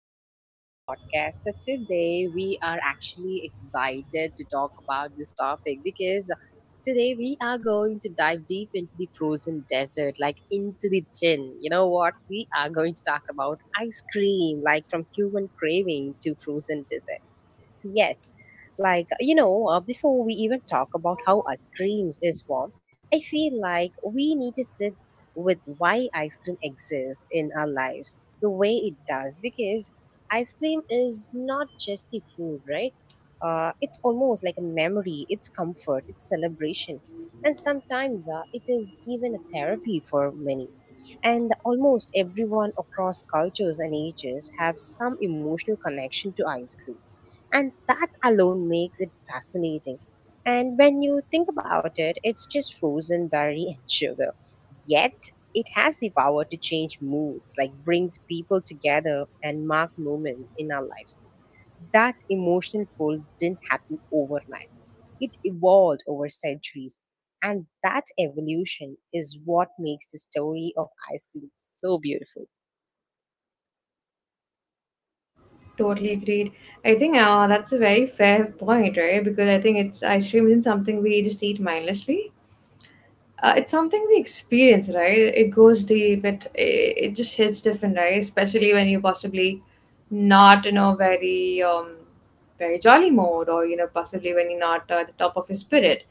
Welcome to our podcast. So, today we are actually excited to talk about this topic because today we are going to dive deep into the frozen desert, like into the tin. You know what? We are going to talk about ice cream, like from human craving to frozen dessert. So yes, before we even talk about how ice creams is formed, I feel like we need to sit with why ice cream exists in our lives the way it does because ice cream is not just the food, right? It's almost like a memory. It's comfort. It's celebration, and sometimes it is even a therapy for many, and almost everyone across cultures and ages have some emotional connection to ice cream, and that alone makes it fascinating. And when you think about it, it's just frozen dairy and sugar, yet it has the power to change moods, like brings people together and mark moments in our lives. That emotional pull didn't happen overnight, it evolved over centuries, and that evolution is what makes the story of ice cream so beautiful. Totally agreed. I think that's a very fair point, right? Because I think it's ice cream isn't something we just eat mindlessly. Uh, it's something we experience, right? It goes deep. It just hits different, right? Especially when you're possibly not in a very very jolly mode, or you know, possibly when you're not at the top of your spirit,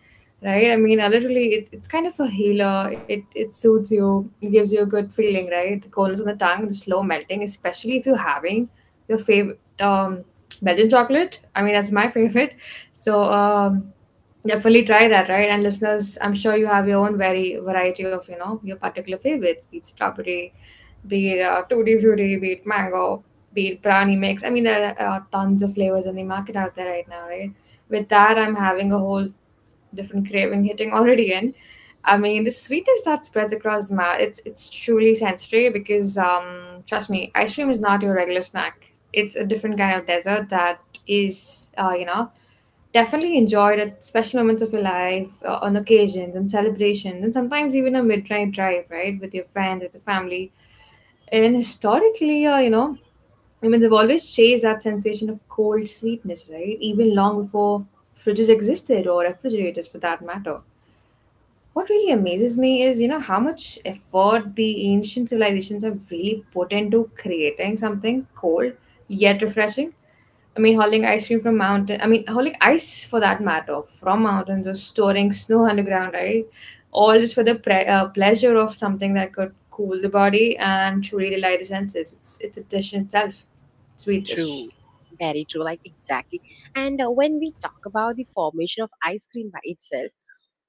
right? I mean, literally, it's kind of a healer. It soothes you, it gives you a good feeling, right? The coldness on the tongue, the slow melting, especially if you're having your favorite Belgian chocolate. I mean, that's my favorite. So um Definitely try that, right? And listeners, I'm sure you have your own very variety of, you know, your particular favorites, be it strawberry, be it tutti frutti, be it mango, be it brownie mix. I mean, there are tons of flavors in the market out there right now, right? With that, I'm having a whole different craving hitting already in. I mean, the sweetness that spreads across the mouth, it's truly sensory because, trust me, ice cream is not your regular snack. It's a different kind of dessert that is, you know, definitely enjoyed at special moments of your life, on occasions and celebrations, and sometimes even a midnight drive, right, with your friends, with your family. And historically, you know, humans have always chased that sensation of cold sweetness, right, even long before fridges existed or refrigerators for that matter. What really amazes me is, you know, how much effort the ancient civilizations have really put into creating something cold yet refreshing. I mean, hauling ice cream from mountain. I mean, hauling ice for that matter from mountains or storing snow underground, right? All just for the pleasure of something that could cool the body and truly delight the senses. It's a dish in itself. Sweet dish. True, very true, like exactly. And when we talk about the formation of ice cream by itself,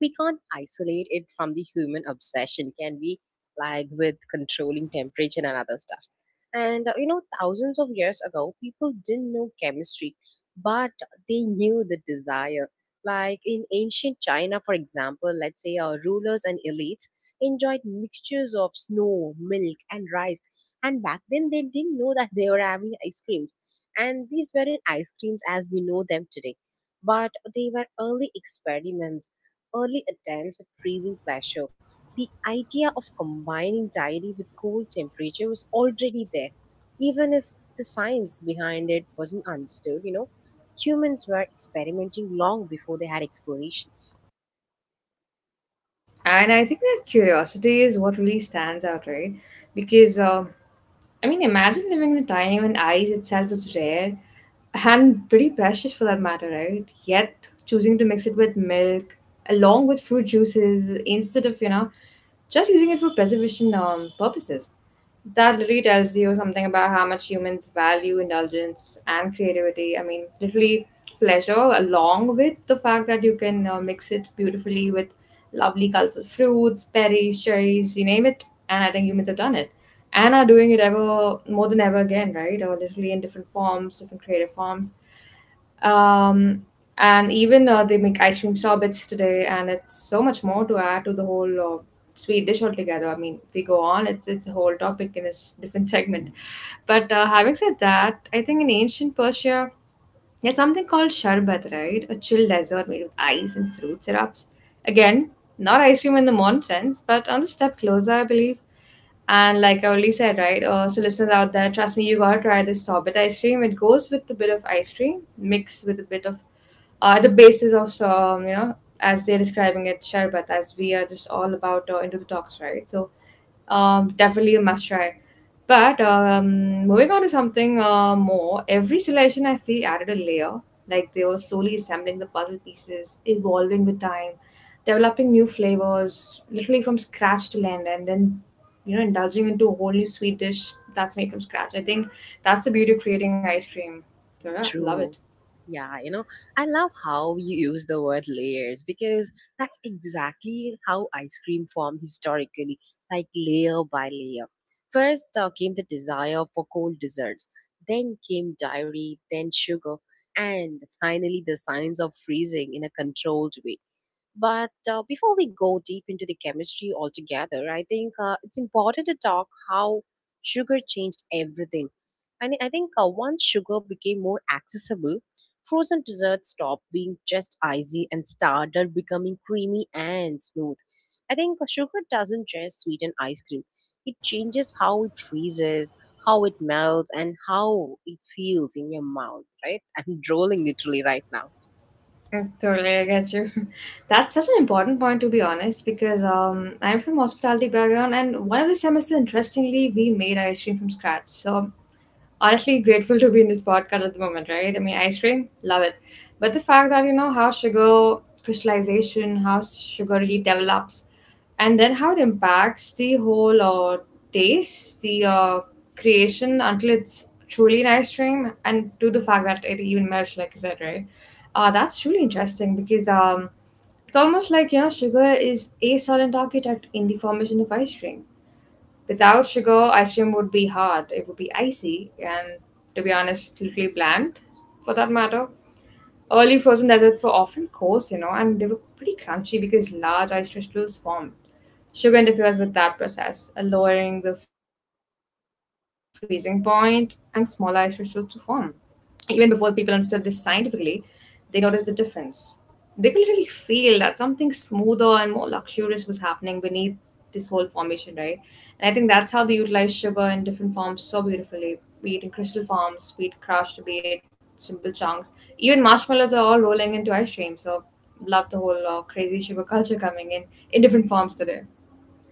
we can't isolate it from the human obsession, can we, like with controlling temperature and other stuff. And you know, thousands of years ago people didn't know chemistry, but they knew the desire. Like in ancient China, for example, let's say our rulers and elites enjoyed mixtures of snow, milk and rice, and back then they didn't know that they were having ice creams. And these weren't ice creams as we know them today, but they were early experiments, early attempts at freezing pleasure. The idea of combining diary with cold temperature was already there, even if the science behind it wasn't understood, you know. Humans were experimenting long before they had explanations. And I think that curiosity is what really stands out, right? Because I mean, imagine living in a time when ice itself is rare and pretty precious for that matter, right? Yet choosing to mix it with milk along with fruit juices instead of, you know, just using it for preservation purposes. That literally tells you something about how much humans value indulgence and creativity. I mean, literally pleasure, along with the fact that you can mix it beautifully with lovely, colorful fruits, berries, cherries, you name it. And I think humans have done it and are doing it ever more than ever again, right? Or literally in different forms, different creative forms. um, and even they make ice cream sorbets today, and it's so much more to add to the whole sweet dish altogether. I mean, if we go on, it's a whole topic in a different segment. But having said that, I think in ancient Persia there's something called sherbet, right? A chill dessert made with ice and fruit syrups. Again, not ice cream in the modern sense, but on the step closer, I believe. And like I already said, right? So listeners out there, trust me, you gotta try this sorbet ice cream. It goes with a bit of ice cream, mixed with a bit of the basis of some, you know, as they're describing it, sherbet, as we are just all about into the talks, right? So definitely a must try. But moving on to something more, every selection I feel added a layer, like they were slowly assembling the puzzle pieces, evolving with time, developing new flavors, literally from scratch to land, and then you know indulging into a whole new sweet dish that's made from scratch. I think that's the beauty of creating ice cream. So yeah, love it. True. Yeah, you know, I love how you use the word layers, because that's exactly how ice cream formed historically, like layer by layer. First came the desire for cold desserts, then came dairy, then sugar, and finally the science of freezing in a controlled way. But before we go deep into the chemistry altogether, I think it's important to talk how sugar changed everything. I think once sugar became more accessible, frozen desserts stopped being just icy and started becoming creamy and smooth. I think sugar doesn't just sweeten ice cream, it changes how it freezes, how it melts, and how it feels in your mouth, right? I'm drooling literally right now. Mm, totally, I get you. That's such an important point, to be honest, because I'm from hospitality background, and one of the semester, interestingly, we made ice cream from scratch. So honestly grateful to be in this podcast at the moment, right? I mean, ice cream, love it. But the fact that, you know, how sugar crystallization, how sugar really develops, and then how it impacts the whole taste, the creation until it's truly an ice cream, and to the fact that it even melts, like you said, right? That's truly interesting because it's almost like, you know, sugar is a silent architect in the formation of ice cream. Without sugar, ice cream would be hard. It would be icy and, to be honest, literally bland for that matter. Early frozen desserts were often coarse, you know, and they were pretty crunchy because large ice crystals formed. Sugar interferes with that process, lowering the freezing point, allowing smaller ice crystals to form even before people understood this scientifically, they noticed the difference. They could literally feel that something smoother and more luxurious was happening beneath this whole formation, right? And I think that's how they utilize sugar in different forms so beautifully, be it in crystal forms, be it crushed, be it simple chunks. Even marshmallows are all rolling into ice cream, so love the whole crazy sugar culture coming in different forms today.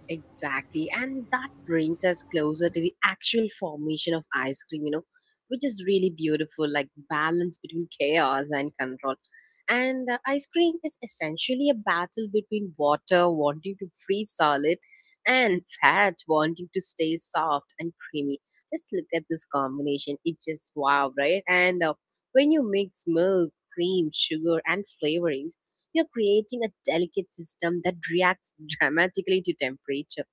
Exactly. And that brings us closer to the actual formation of ice cream, you know, which is really beautiful, like balance between chaos and control. And ice cream is essentially a battle between water wanting to freeze solid and fat wanting to stay soft and creamy. Just look at this combination. It just wow, right? And when you mix milk, cream, sugar, and flavorings, you're creating a delicate system that reacts dramatically to temperature.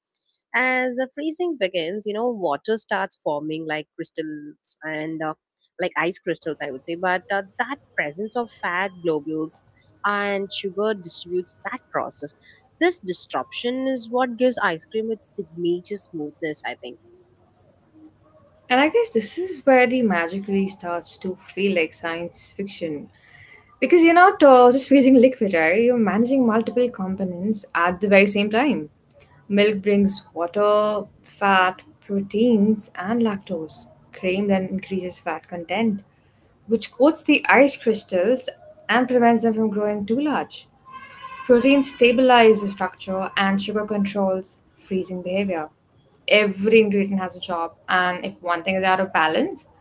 As the freezing begins, you know, water starts forming like crystals and like ice crystals, I would say. But that presence of fat globules and sugar distributes that process. This disruption is what gives ice cream its signature smoothness, I think. And I guess this is where the magic really starts to feel like science fiction. Because you're not just freezing liquid, right? You're managing multiple components at the very same time. Milk brings water, fat, proteins, and lactose. Cream then increases fat content, which coats the ice crystals and prevents them from growing too large. Protein stabilize the structure and sugar controls freezing behavior. Every ingredient has a job, and if one thing is out of balance,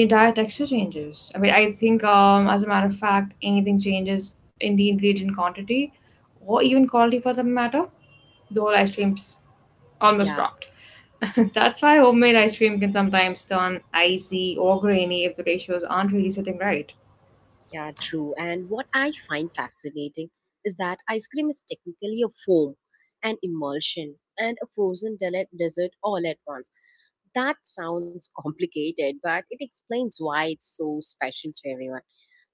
the entire texture changes. I mean, I think, as a matter of fact, anything changes in the ingredient quantity or even quality for that matter, the whole ice cream's almost Yeah. dropped. That's why homemade ice cream can sometimes turn icy or grainy if the ratios aren't really sitting right. Yeah, true. And what I find fascinating is that ice cream is technically a foam, an immersion, and a dessert all at once. That sounds complicated, but it explains why it's so special to everyone.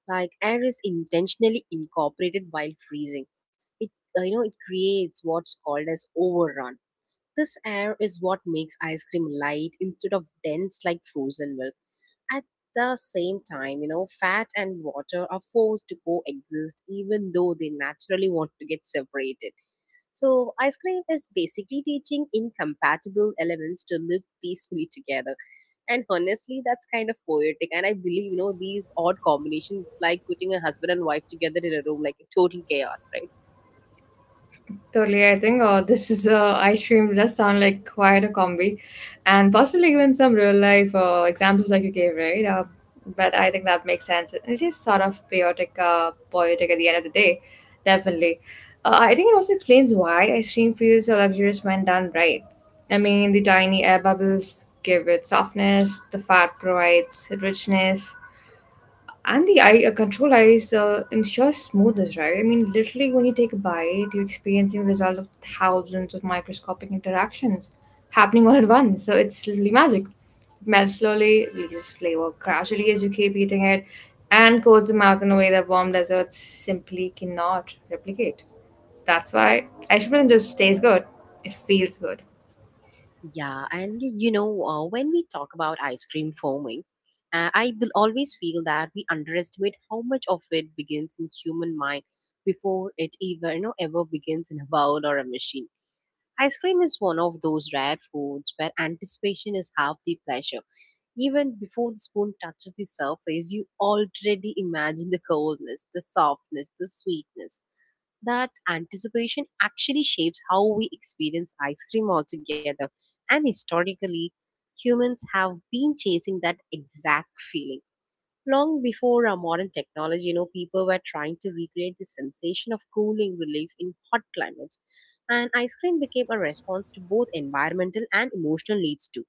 Like air is intentionally incorporated while freezing. It you know, it creates what's called as overrun. This air is what makes ice cream light instead of dense like frozen milk at the same time. You know, fat and water are forced to coexist even though they naturally want to get separated. So, ice cream is basically teaching incompatible elements to live peacefully together. And honestly, that's kind of poetic. And I believe, you know, these odd combinations, it's like putting a husband and wife together in a room, like total chaos, right? Totally, I think this is ice cream does sound like quite a combi, and possibly even some real life examples like you gave, right? But I think that makes sense. It is sort of poetic, poetic at the end of the day, definitely. I think it also explains why ice cream feels so luxurious when done right. I mean, the tiny air bubbles give it softness, the fat provides richness, and the eye, control eyes ensures smoothness, right? I mean, literally, when you take a bite, you're experiencing the result of thousands of microscopic interactions happening all at once. So it's literally magic. Melts slowly, releases flavor gradually as you keep eating it, and coats the mouth in a way that warm desserts simply cannot replicate. That's why ice cream doesn't just tastes good; it feels good. Yeah, you know, when we talk about ice cream foaming, I will always feel that we underestimate how much of it begins in human mind before it even, you know, ever begins in a bowl or a machine. Ice cream is one of those rare foods where anticipation is half the pleasure. Even before the spoon touches the surface, you already imagine the coldness, the softness, the sweetness. That anticipation actually shapes how we experience ice cream altogether. And historically, humans have been chasing that exact feeling. Long before our modern technology, you know, people were trying to recreate the sensation of cooling relief in hot climates. And ice cream became a response to both environmental and emotional needs too.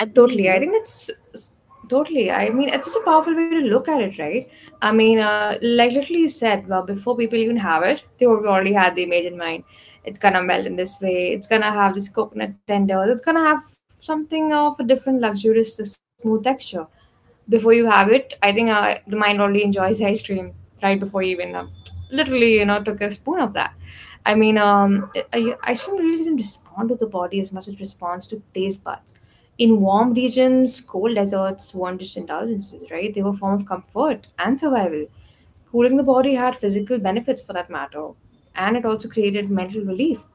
I believe, Totally. you I know. think it's it's- totally. I mean, it's such a powerful way to look at it, right? I mean, like literally you said, well, before people even have it, they already had the image in mind. It's gonna melt in this way. It's gonna have this coconut tender. It's gonna have something of a different luxurious, smooth texture. Before you have it, I think the mind already enjoys ice cream right before you even literally you know took a spoon of that. I mean ice cream really doesn't respond to the body as much as it responds to taste buds. In warm regions, cold deserts weren't just indulgences, right? They were a form of comfort and survival. Cooling the body had physical benefits for that matter, and it also created mental relief.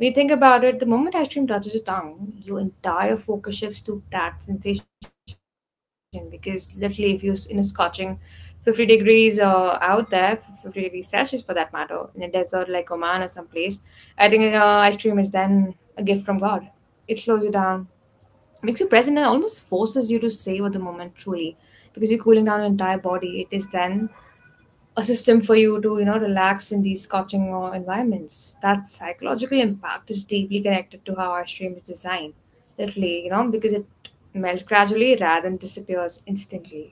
We think about it, the moment ice cream touches your tongue, your entire focus shifts to that sensation because literally, if you're in a scorching 50 degrees out there, 50 degrees Celsius for that matter, in a desert like Oman or someplace, I think ice cream is then a gift from God. It slows you down, makes you present, and almost forces you to savor the moment truly because you're cooling down your entire body. It is then a system for you to you know relax in these coaching environments. That psychological impact is deeply connected to how our stream is designed literally you know because it melts gradually rather than disappears instantly.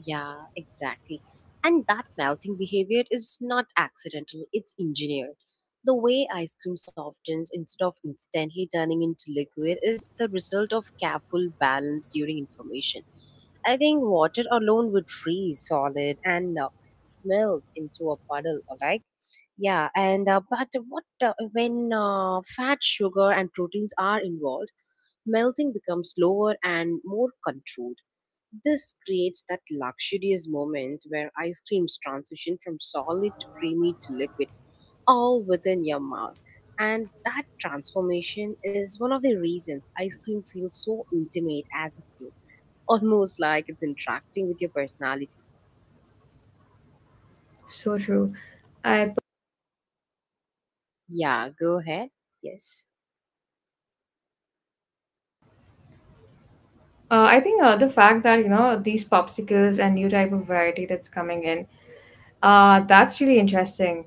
Yeah, exactly. And that melting behavior is not accidental, it's engineered. The way ice cream softens instead of instantly turning into liquid is the result of careful balance during information. I think water alone would freeze solid and melt into a puddle, alright? Yeah, and but what when fat, sugar, and proteins are involved, melting becomes slower and more controlled. This creates that luxurious moment where ice creams transition from solid to creamy to liquid all within your mouth. And that transformation is one of the reasons ice cream feels so intimate as a food, almost like it's interacting with your personality. So true. i Yeah, go ahead. Yes. uh, i think the fact that you know these popsicles and new type of variety that's coming in. That's really interesting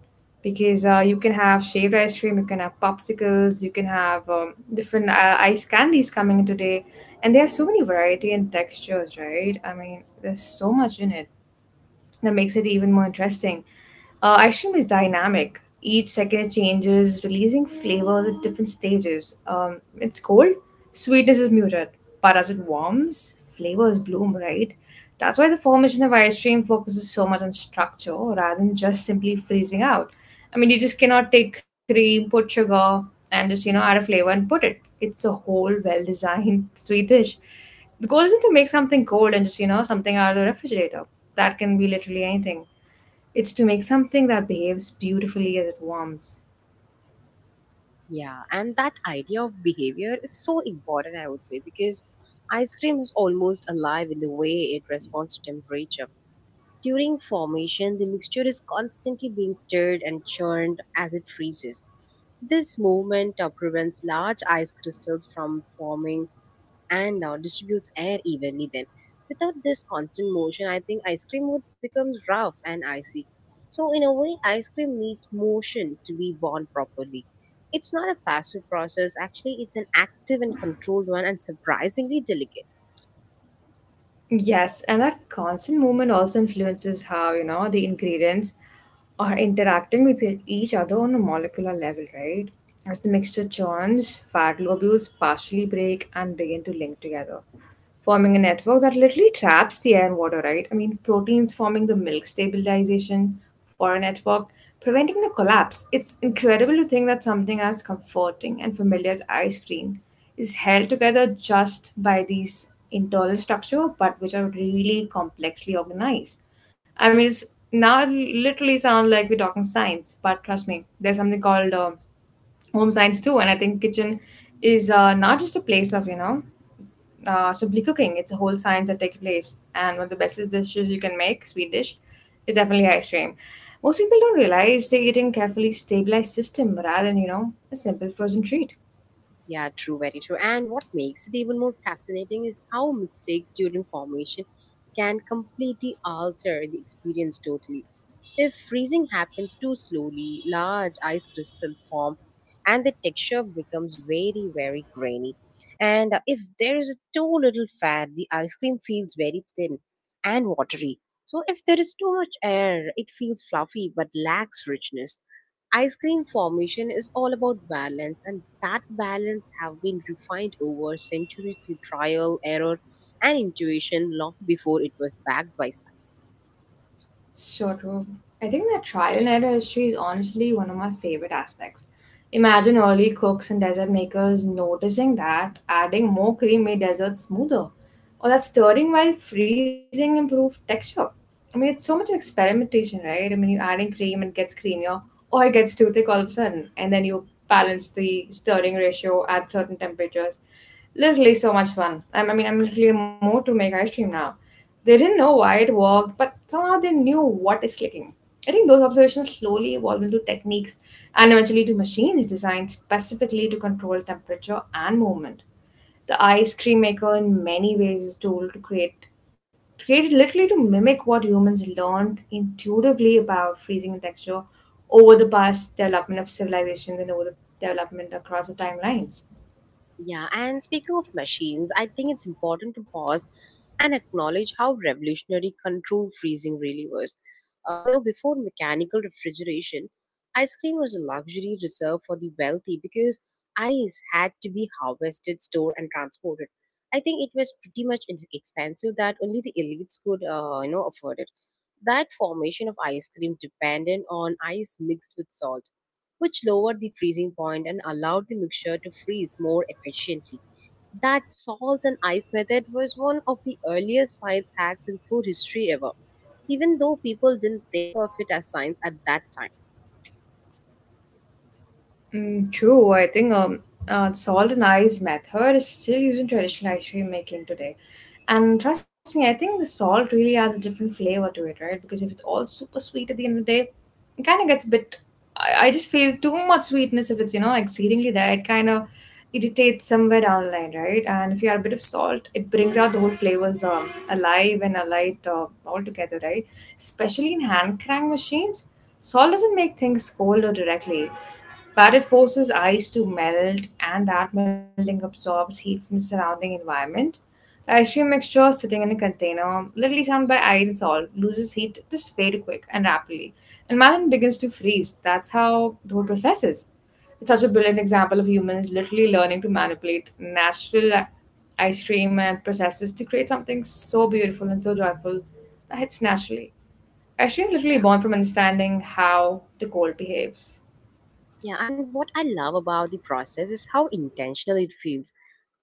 because you can have shaved ice cream, you can have popsicles, you can have different ice candies coming today, and there are so many variety and textures, right? I mean, there's so much in it that makes it even more interesting. Ice cream is dynamic. Each second it changes, releasing flavors at different stages. It's cold, sweetness is muted, but as it warms, flavors bloom, right? That's why the formation of ice cream focuses so much on structure rather than just simply freezing out. I mean, you just cannot take cream, put sugar, and just, you know, add a flavor and put it. It's a whole well designed sweet dish. The goal isn't to make something cold and just, you know, something out of the refrigerator. That can be literally anything. It's to make something that behaves beautifully as it warms. Yeah, and that idea of behavior is so important, I would say, because ice cream is almost alive in the way it responds to temperature. During formation, the mixture is constantly being stirred and churned as it freezes. This movement prevents large ice crystals from forming, and now distributes air evenly. Then without this constant motion, I think ice cream would become rough and icy. So in a way, ice cream needs motion to be born properly. It's not a passive process, actually, it's an active and controlled one, and surprisingly delicate. Yes, and that constant movement also influences how, you know, the ingredients are interacting with each other on a molecular level, right? As the mixture churns, fat globules partially break and begin to link together, forming a network that literally traps the air and water, right? I mean, proteins forming the milk stabilization for a network, preventing the collapse. It's incredible to think that something as comforting and familiar as ice cream is held together just by these internal structure, but which are really complexly organized. I mean, it's now it literally sounds like we're talking science, but trust me, there's something called home science too, and I think kitchen is not just a place of you know simply cooking. It's a whole science that takes place. And one of the bestest dishes you can make, sweet dish, is definitely ice cream. Most people don't realize they're eating carefully stabilized system rather than, you know, a simple frozen treat. Yeah, true, very true. And what makes it even more fascinating is how mistakes during formation can completely alter the experience totally. If freezing happens too slowly, large ice crystals form and the texture becomes very, very grainy. And if there is too little fat, the ice cream feels very thin and watery. So if there is too much air, it feels fluffy but lacks richness. Ice cream formation is all about balance, and that balance have been refined over centuries through trial error and intuition, long before it was backed by science. So true. I think that trial and error history is honestly one of my favorite aspects. Imagine early cooks and dessert makers noticing that adding more cream made desserts smoother, or that stirring while freezing improved texture. I mean, it's so much experimentation, right? I mean, you adding cream and it gets creamier, or it gets too thick all of a sudden, and then you balance the stirring ratio at certain temperatures. Literally, so much fun. I mean, I'm literally more to make ice cream now. They didn't know why it worked, but somehow they knew what is clicking. I think those observations slowly evolved into techniques and eventually to machines designed specifically to control temperature and movement. The ice cream maker, in many ways, is tool to create created literally to mimic what humans learned intuitively about freezing and texture over the past development of civilizations and over the development across the timelines. Yeah, and speaking of machines, I think it's important to pause and acknowledge how revolutionary controlled freezing really was. You know, before mechanical refrigeration, ice cream was a luxury reserved for the wealthy, because ice had to be harvested, stored, and transported. I think it was pretty much expensive that only the elites could, you know, afford it. That formation of ice cream depended on ice mixed with salt, which lowered the freezing point and allowed the mixture to freeze more efficiently. That salt and ice method was one of the earliest science hacks in food history ever, even though people didn't think of it as science at that time. Mm, true. I think salt and ice method is still used in traditional ice cream making today. And trust me, I think the salt really adds a different flavor to it, right? Because if it's all super sweet at the end of the day, it kind of gets a bit. I just feel too much sweetness if it's, you know, exceedingly there. It kind of irritates somewhere down the line, right? And if you add a bit of salt, it brings out the whole flavors alive and alight all together, right? Especially in hand crank machines, salt doesn't make things cold or directly but it forces ice to melt, and that melting absorbs heat from the surrounding environment. The ice cream mixture sitting in a container, literally surrounded by ice and salt, loses heat just very quick and rapidly, and melon begins to freeze. That's how the whole process is. It's such a brilliant example of humans literally learning to manipulate natural ice cream and processes to create something so beautiful and so joyful that hits naturally. Ice cream literally Yeah. born from understanding how the cold behaves. Yeah, and what I love about the process is how intentional it feels.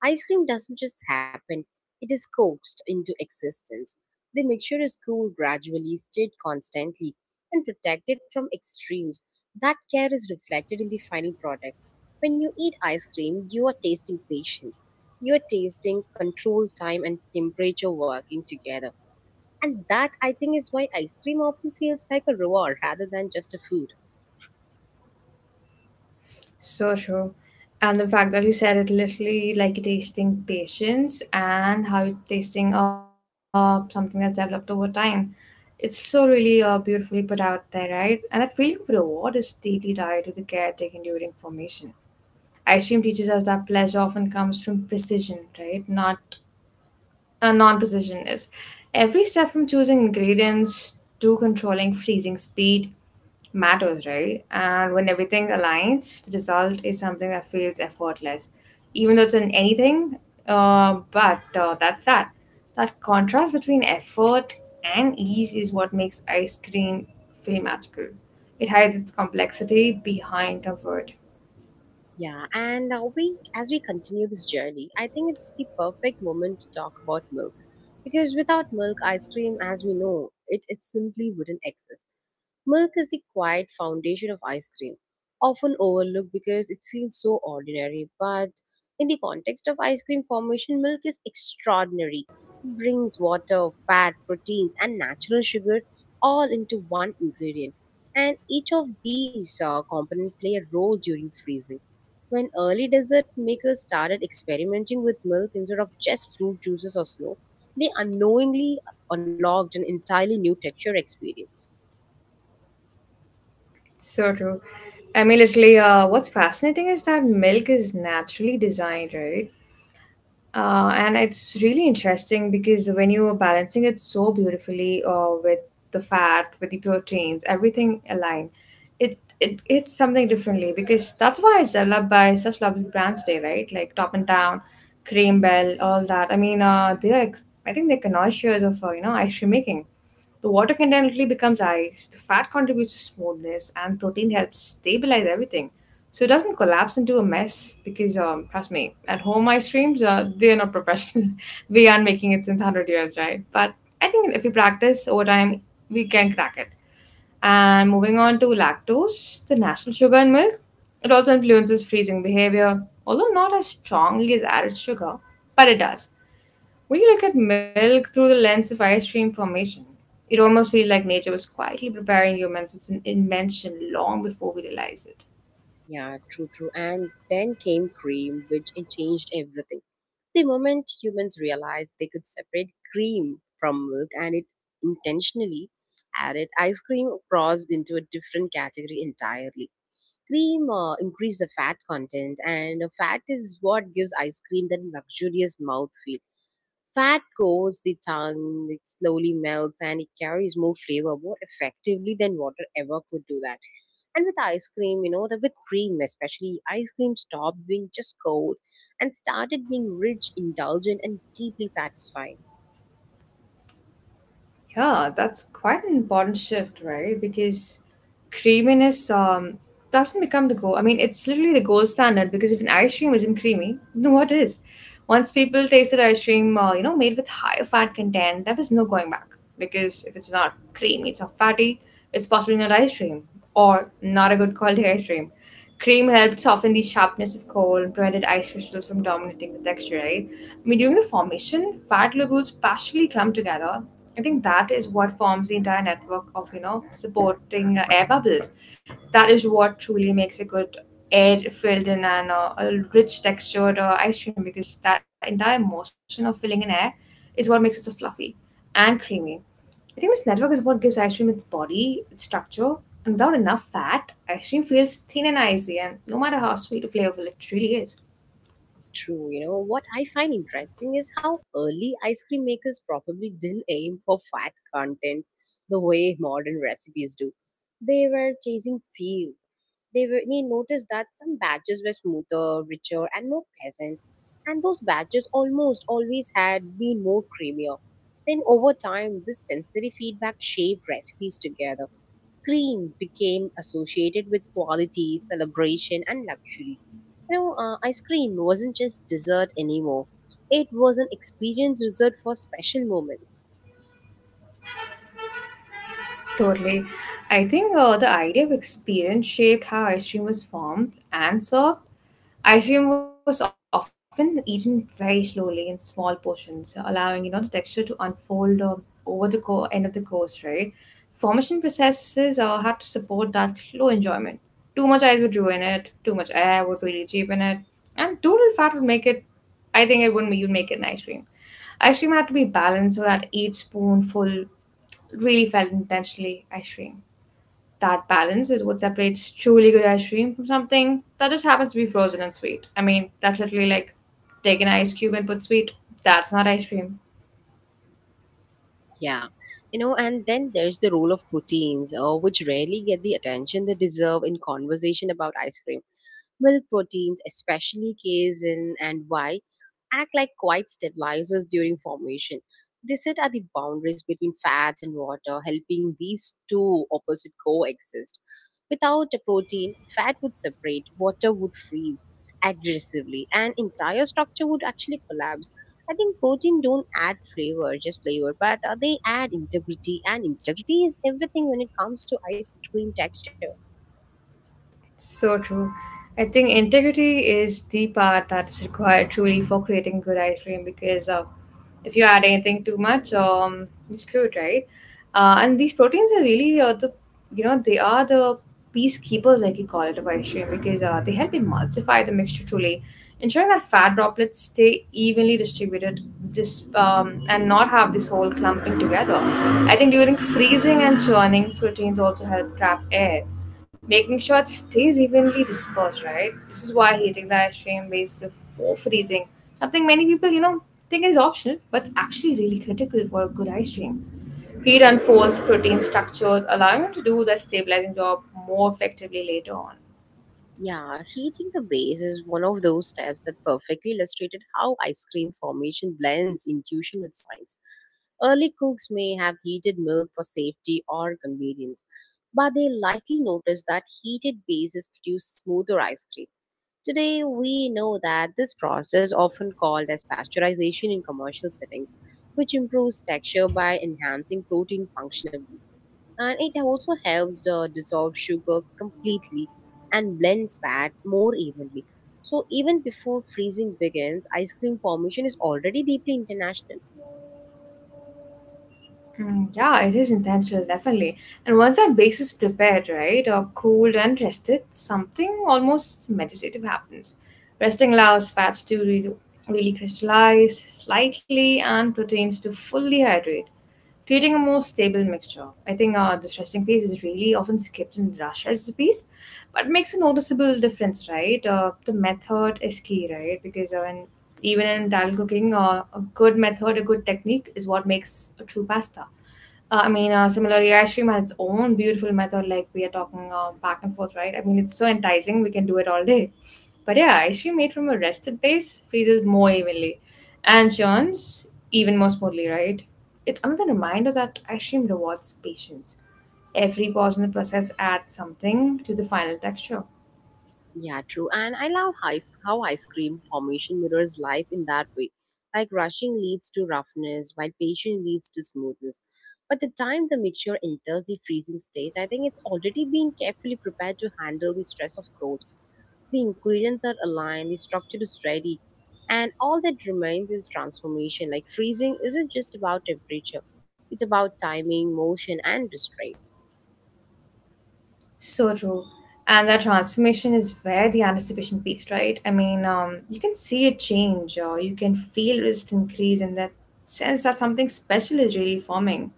Ice cream doesn't just happen, it is coaxed into existence. The mixture is cooled gradually, stirred constantly, and protected from extremes. That care is reflected in the final product. When you eat ice cream, you are tasting patience. You are tasting control, time, and temperature working together. And that, I think, is why ice cream often feels like a reward rather than just a food. So true. And the fact that you said it literally like tasting patience and how you're tasting something that's developed over time. It's so really beautifully put out there, right? And that feeling of reward is deeply tied to the care taken during formation. Ice cream teaches us that pleasure often comes from precision, right? Not a non-precision is. Every step from choosing ingredients to controlling freezing speed matters, right? And when everything aligns, the result is something that feels effortless, even though it's in anything. But that's that. That contrast between effort and ease is what makes ice cream feel magical. It hides its complexity behind comfort. Yeah, and we as we continue this journey, I think it's the perfect moment to talk about milk, because without milk, ice cream, as we know it, it simply wouldn't exist. Milk is the quiet foundation of ice cream, often overlooked because it feels so ordinary. But in the context of ice cream formation, milk is extraordinary. It brings water, fat, proteins, and natural sugar all into one ingredient. And each of these components play a role during freezing. When early dessert makers started experimenting with milk instead of just fruit juices or snow, they unknowingly unlocked an entirely new texture experience. So true. I mean, literally, what's fascinating is that milk is naturally designed, right? And it's really interesting because when you are balancing it so beautifully with the fat, with the proteins, everything aligned, it's something differently because that's why it's developed by such lovely brands today, right? Like Top and Down, Cream Bell, all that. I mean, they are, I think they're connoisseurs of, you know, ice cream making. The water continually becomes ice, the fat contributes to smoothness, and protein helps stabilize everything. So it doesn't collapse into a mess because, trust me, at home ice creams, they are not professional. We aren't making it since 100 years, right? But I think if we practice over time, we can crack it. And moving on to lactose, the natural sugar in milk, it also influences freezing behavior, although not as strongly as added sugar, but it does. When you look at milk through the lens of ice stream formation, it almost feels like nature was quietly preparing humans with an invention long before we realize it. Yeah, true, true. And then came cream, which it changed everything. The moment humans realized they could separate cream from milk and it intentionally added, ice cream crossed into a different category entirely. Cream increased the fat content, and fat is what gives ice cream that luxurious mouthfeel. Fat coats the tongue, it slowly melts, and it carries more flavor more effectively than water ever could do that and with ice cream, with cream especially, ice cream stopped being just cold and started being rich, indulgent, and deeply satisfying. Yeah, that's quite an important shift, right? Because creaminess doesn't become the goal. I mean, it's literally the gold standard because if an ice cream isn't creamy, then what is? Once people tasted ice cream, you know, made with higher fat content, there was no going back because if it's not creamy, it's not fatty, it's possibly not ice cream or not a good quality ice cream. Cream helped soften the sharpness of coal and prevented ice crystals from dominating the texture, right? I mean, during the formation, fat globules partially clump together, I think that is what forms the entire network of you know supporting air bubbles. That is what truly makes a good air filled in and a rich textured ice cream because that entire motion of filling in air is what makes it so fluffy and creamy. I think this network is what gives ice cream its body, its structure, and without enough fat, ice cream feels thin and icy. And no matter how sweet or flavorful it really is. True, what I find interesting is how early ice cream makers probably didn't aim for fat content the way modern recipes do. They were chasing feel, they noticed that some badges were smoother, richer, and more pleasant, and those badges almost always had been more creamier. Then over time, this sensory feedback shaped recipes together. Cream became associated with quality, celebration, and luxury. Ice cream wasn't just dessert anymore. It was an experience reserved for special moments. Totally. I think the idea of experience shaped how ice cream was formed and served. Ice cream was often eaten very slowly in small portions, allowing you know the texture to unfold over the end of the course. Right, formation processes had to support that slow enjoyment. Too much ice would ruin it. Too much air would really cheapen it, and too little fat would make it. I think it wouldn't. You'd make it an ice cream. Ice cream had to be balanced so that each spoonful really felt intentionally ice cream. That balance is what separates truly good ice cream from something that just happens to be frozen and sweet. I mean, that's literally like take an ice cube and put sweet. That's not ice cream. Yeah, and then there's the role of proteins, which rarely get the attention they deserve in conversation about ice cream. Milk proteins, especially casein and Y, act like quiet stabilizers during formation. They sit at the boundaries between fat and water, helping these two opposite coexist. Without a protein, fat would separate, water would freeze aggressively, and entire structure would actually collapse. I think protein don't add flavor, just flavor, but they add integrity, and integrity is everything when it comes to ice cream texture. So true. I think integrity is the part that is required truly for creating good ice cream because if you add anything too much, you screw it, right? And these proteins are really you know, they are the peacekeepers, like you call it, of ice cream because they help emulsify the mixture truly, ensuring that fat droplets stay evenly distributed and not have this whole clumping together. I think during freezing and churning, proteins also help trap air making sure it stays evenly dispersed, right? This is why heating the ice cream base before freezing, something many people, you know, think is optional, but it's actually really critical for a good ice cream. Heat unfolds protein structures, allowing it to do the stabilizing job more effectively later on. Yeah, heating the base is one of those steps that perfectly illustrated how ice cream formation blends intuition with science. Early cooks may have heated milk for safety or convenience, but they likely noticed that heated bases produce smoother ice cream. Today, we know that this process, often called as pasteurization in commercial settings, which improves texture by enhancing protein functionality and it also helps dissolve sugar completely and blend fat more evenly. So even before freezing begins, ice cream formation is already deeply international. Mm, yeah, it is intentional, definitely. And once that base is prepared, right, or cooled and rested, something almost meditative happens. Resting allows fats to really crystallize slightly and proteins to fully hydrate, creating a more stable mixture. I think the dressing phase is really often skipped in rush recipes, but makes a noticeable difference, right? The method is key, right? Because even in Italian cooking, a good method, a good technique is what makes a true pasta. I mean, similarly, ice cream has its own beautiful method, like we are talking back and forth, right? I mean, it's so enticing, we can do it all day. But yeah, ice cream made from a rested base freezes more evenly and churns even more smoothly, right? It's another reminder that ice cream rewards patience. Every pause in the process adds something to the final texture. Yeah, true. And I love ice, how ice cream formation mirrors life in that way. Like rushing leads to roughness, while patience leads to smoothness. By the time the mixture enters the freezing stage, I think it's already been carefully prepared to handle the stress of cold. The ingredients are aligned, the structure is ready, and all that remains is transformation. Like freezing isn't just about temperature, it's about timing, motion, and restraint. So true. And that transformation is where the anticipation peaks, right? I mean, you can see it change, or you can feel it increase, and that sense that something special is really forming.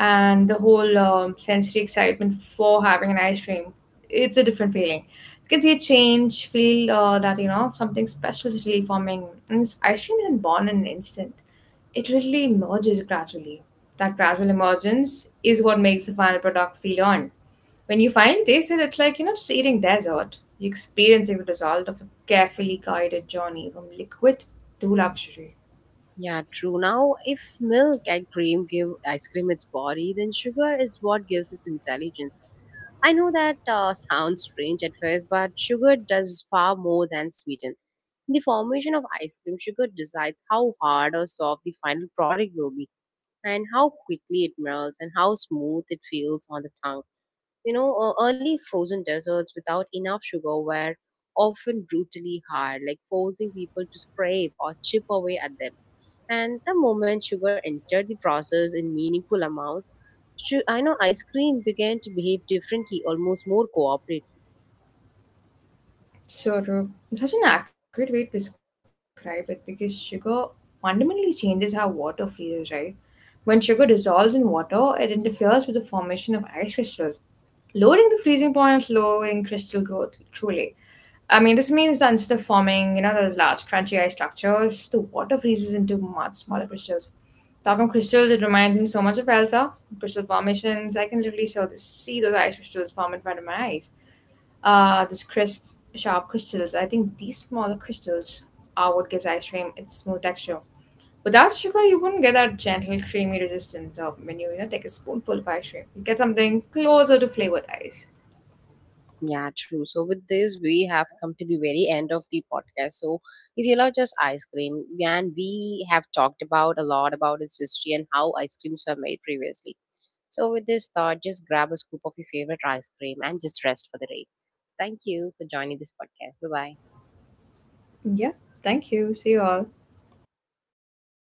And the whole sensory excitement for having an ice cream, it's a different feeling. You can see a change, feel that you know something special is really forming, and this ice cream isn't born in an instant. It really emerges gradually. That gradual emergence is what makes the final product feel on when you finally taste it. It's like you are not just eating dessert, you're experiencing the result of a carefully guided journey from liquid to luxury. Yeah, true. Now, if milk and cream give ice cream its body, then sugar is what gives it intelligence. I know that sounds strange at first, but sugar does far more than sweeten. In the formation of ice cream, sugar decides how hard or soft the final product will be and how quickly it melts and how smooth it feels on the tongue. Early frozen desserts without enough sugar were often brutally hard, like forcing people to scrape or chip away at them. And the moment sugar entered the process in meaningful amounts, I know ice cream began to behave differently, almost more cooperatively. So true. It's such an accurate way to describe it because sugar fundamentally changes how water freezes, right? When sugar dissolves in water, it interferes with the formation of ice crystals, lowering the freezing point and slowing crystal growth, truly. I mean, this means that instead of forming, you know, those large crunchy ice structures, the water freezes into much smaller crystals. Talking of crystals, it reminds me so much of Elsa, crystal formations. I can literally so see those ice crystals form in front of my eyes, this crisp, sharp crystals. I think these smaller crystals are what gives ice cream its smooth texture. Without sugar, you wouldn't get that gentle, creamy resistance of when you know, take a spoonful of ice cream. You get something closer to flavored ice. Yeah, true. So with this, we have come to the very end of the podcast. So if you love just ice cream, and we have talked about a lot about its history and how ice creams were made previously. So with this thought, just grab a scoop of your favorite ice cream and just rest for the day. Thank you for joining this podcast. Bye bye. Yeah, thank you. See you all.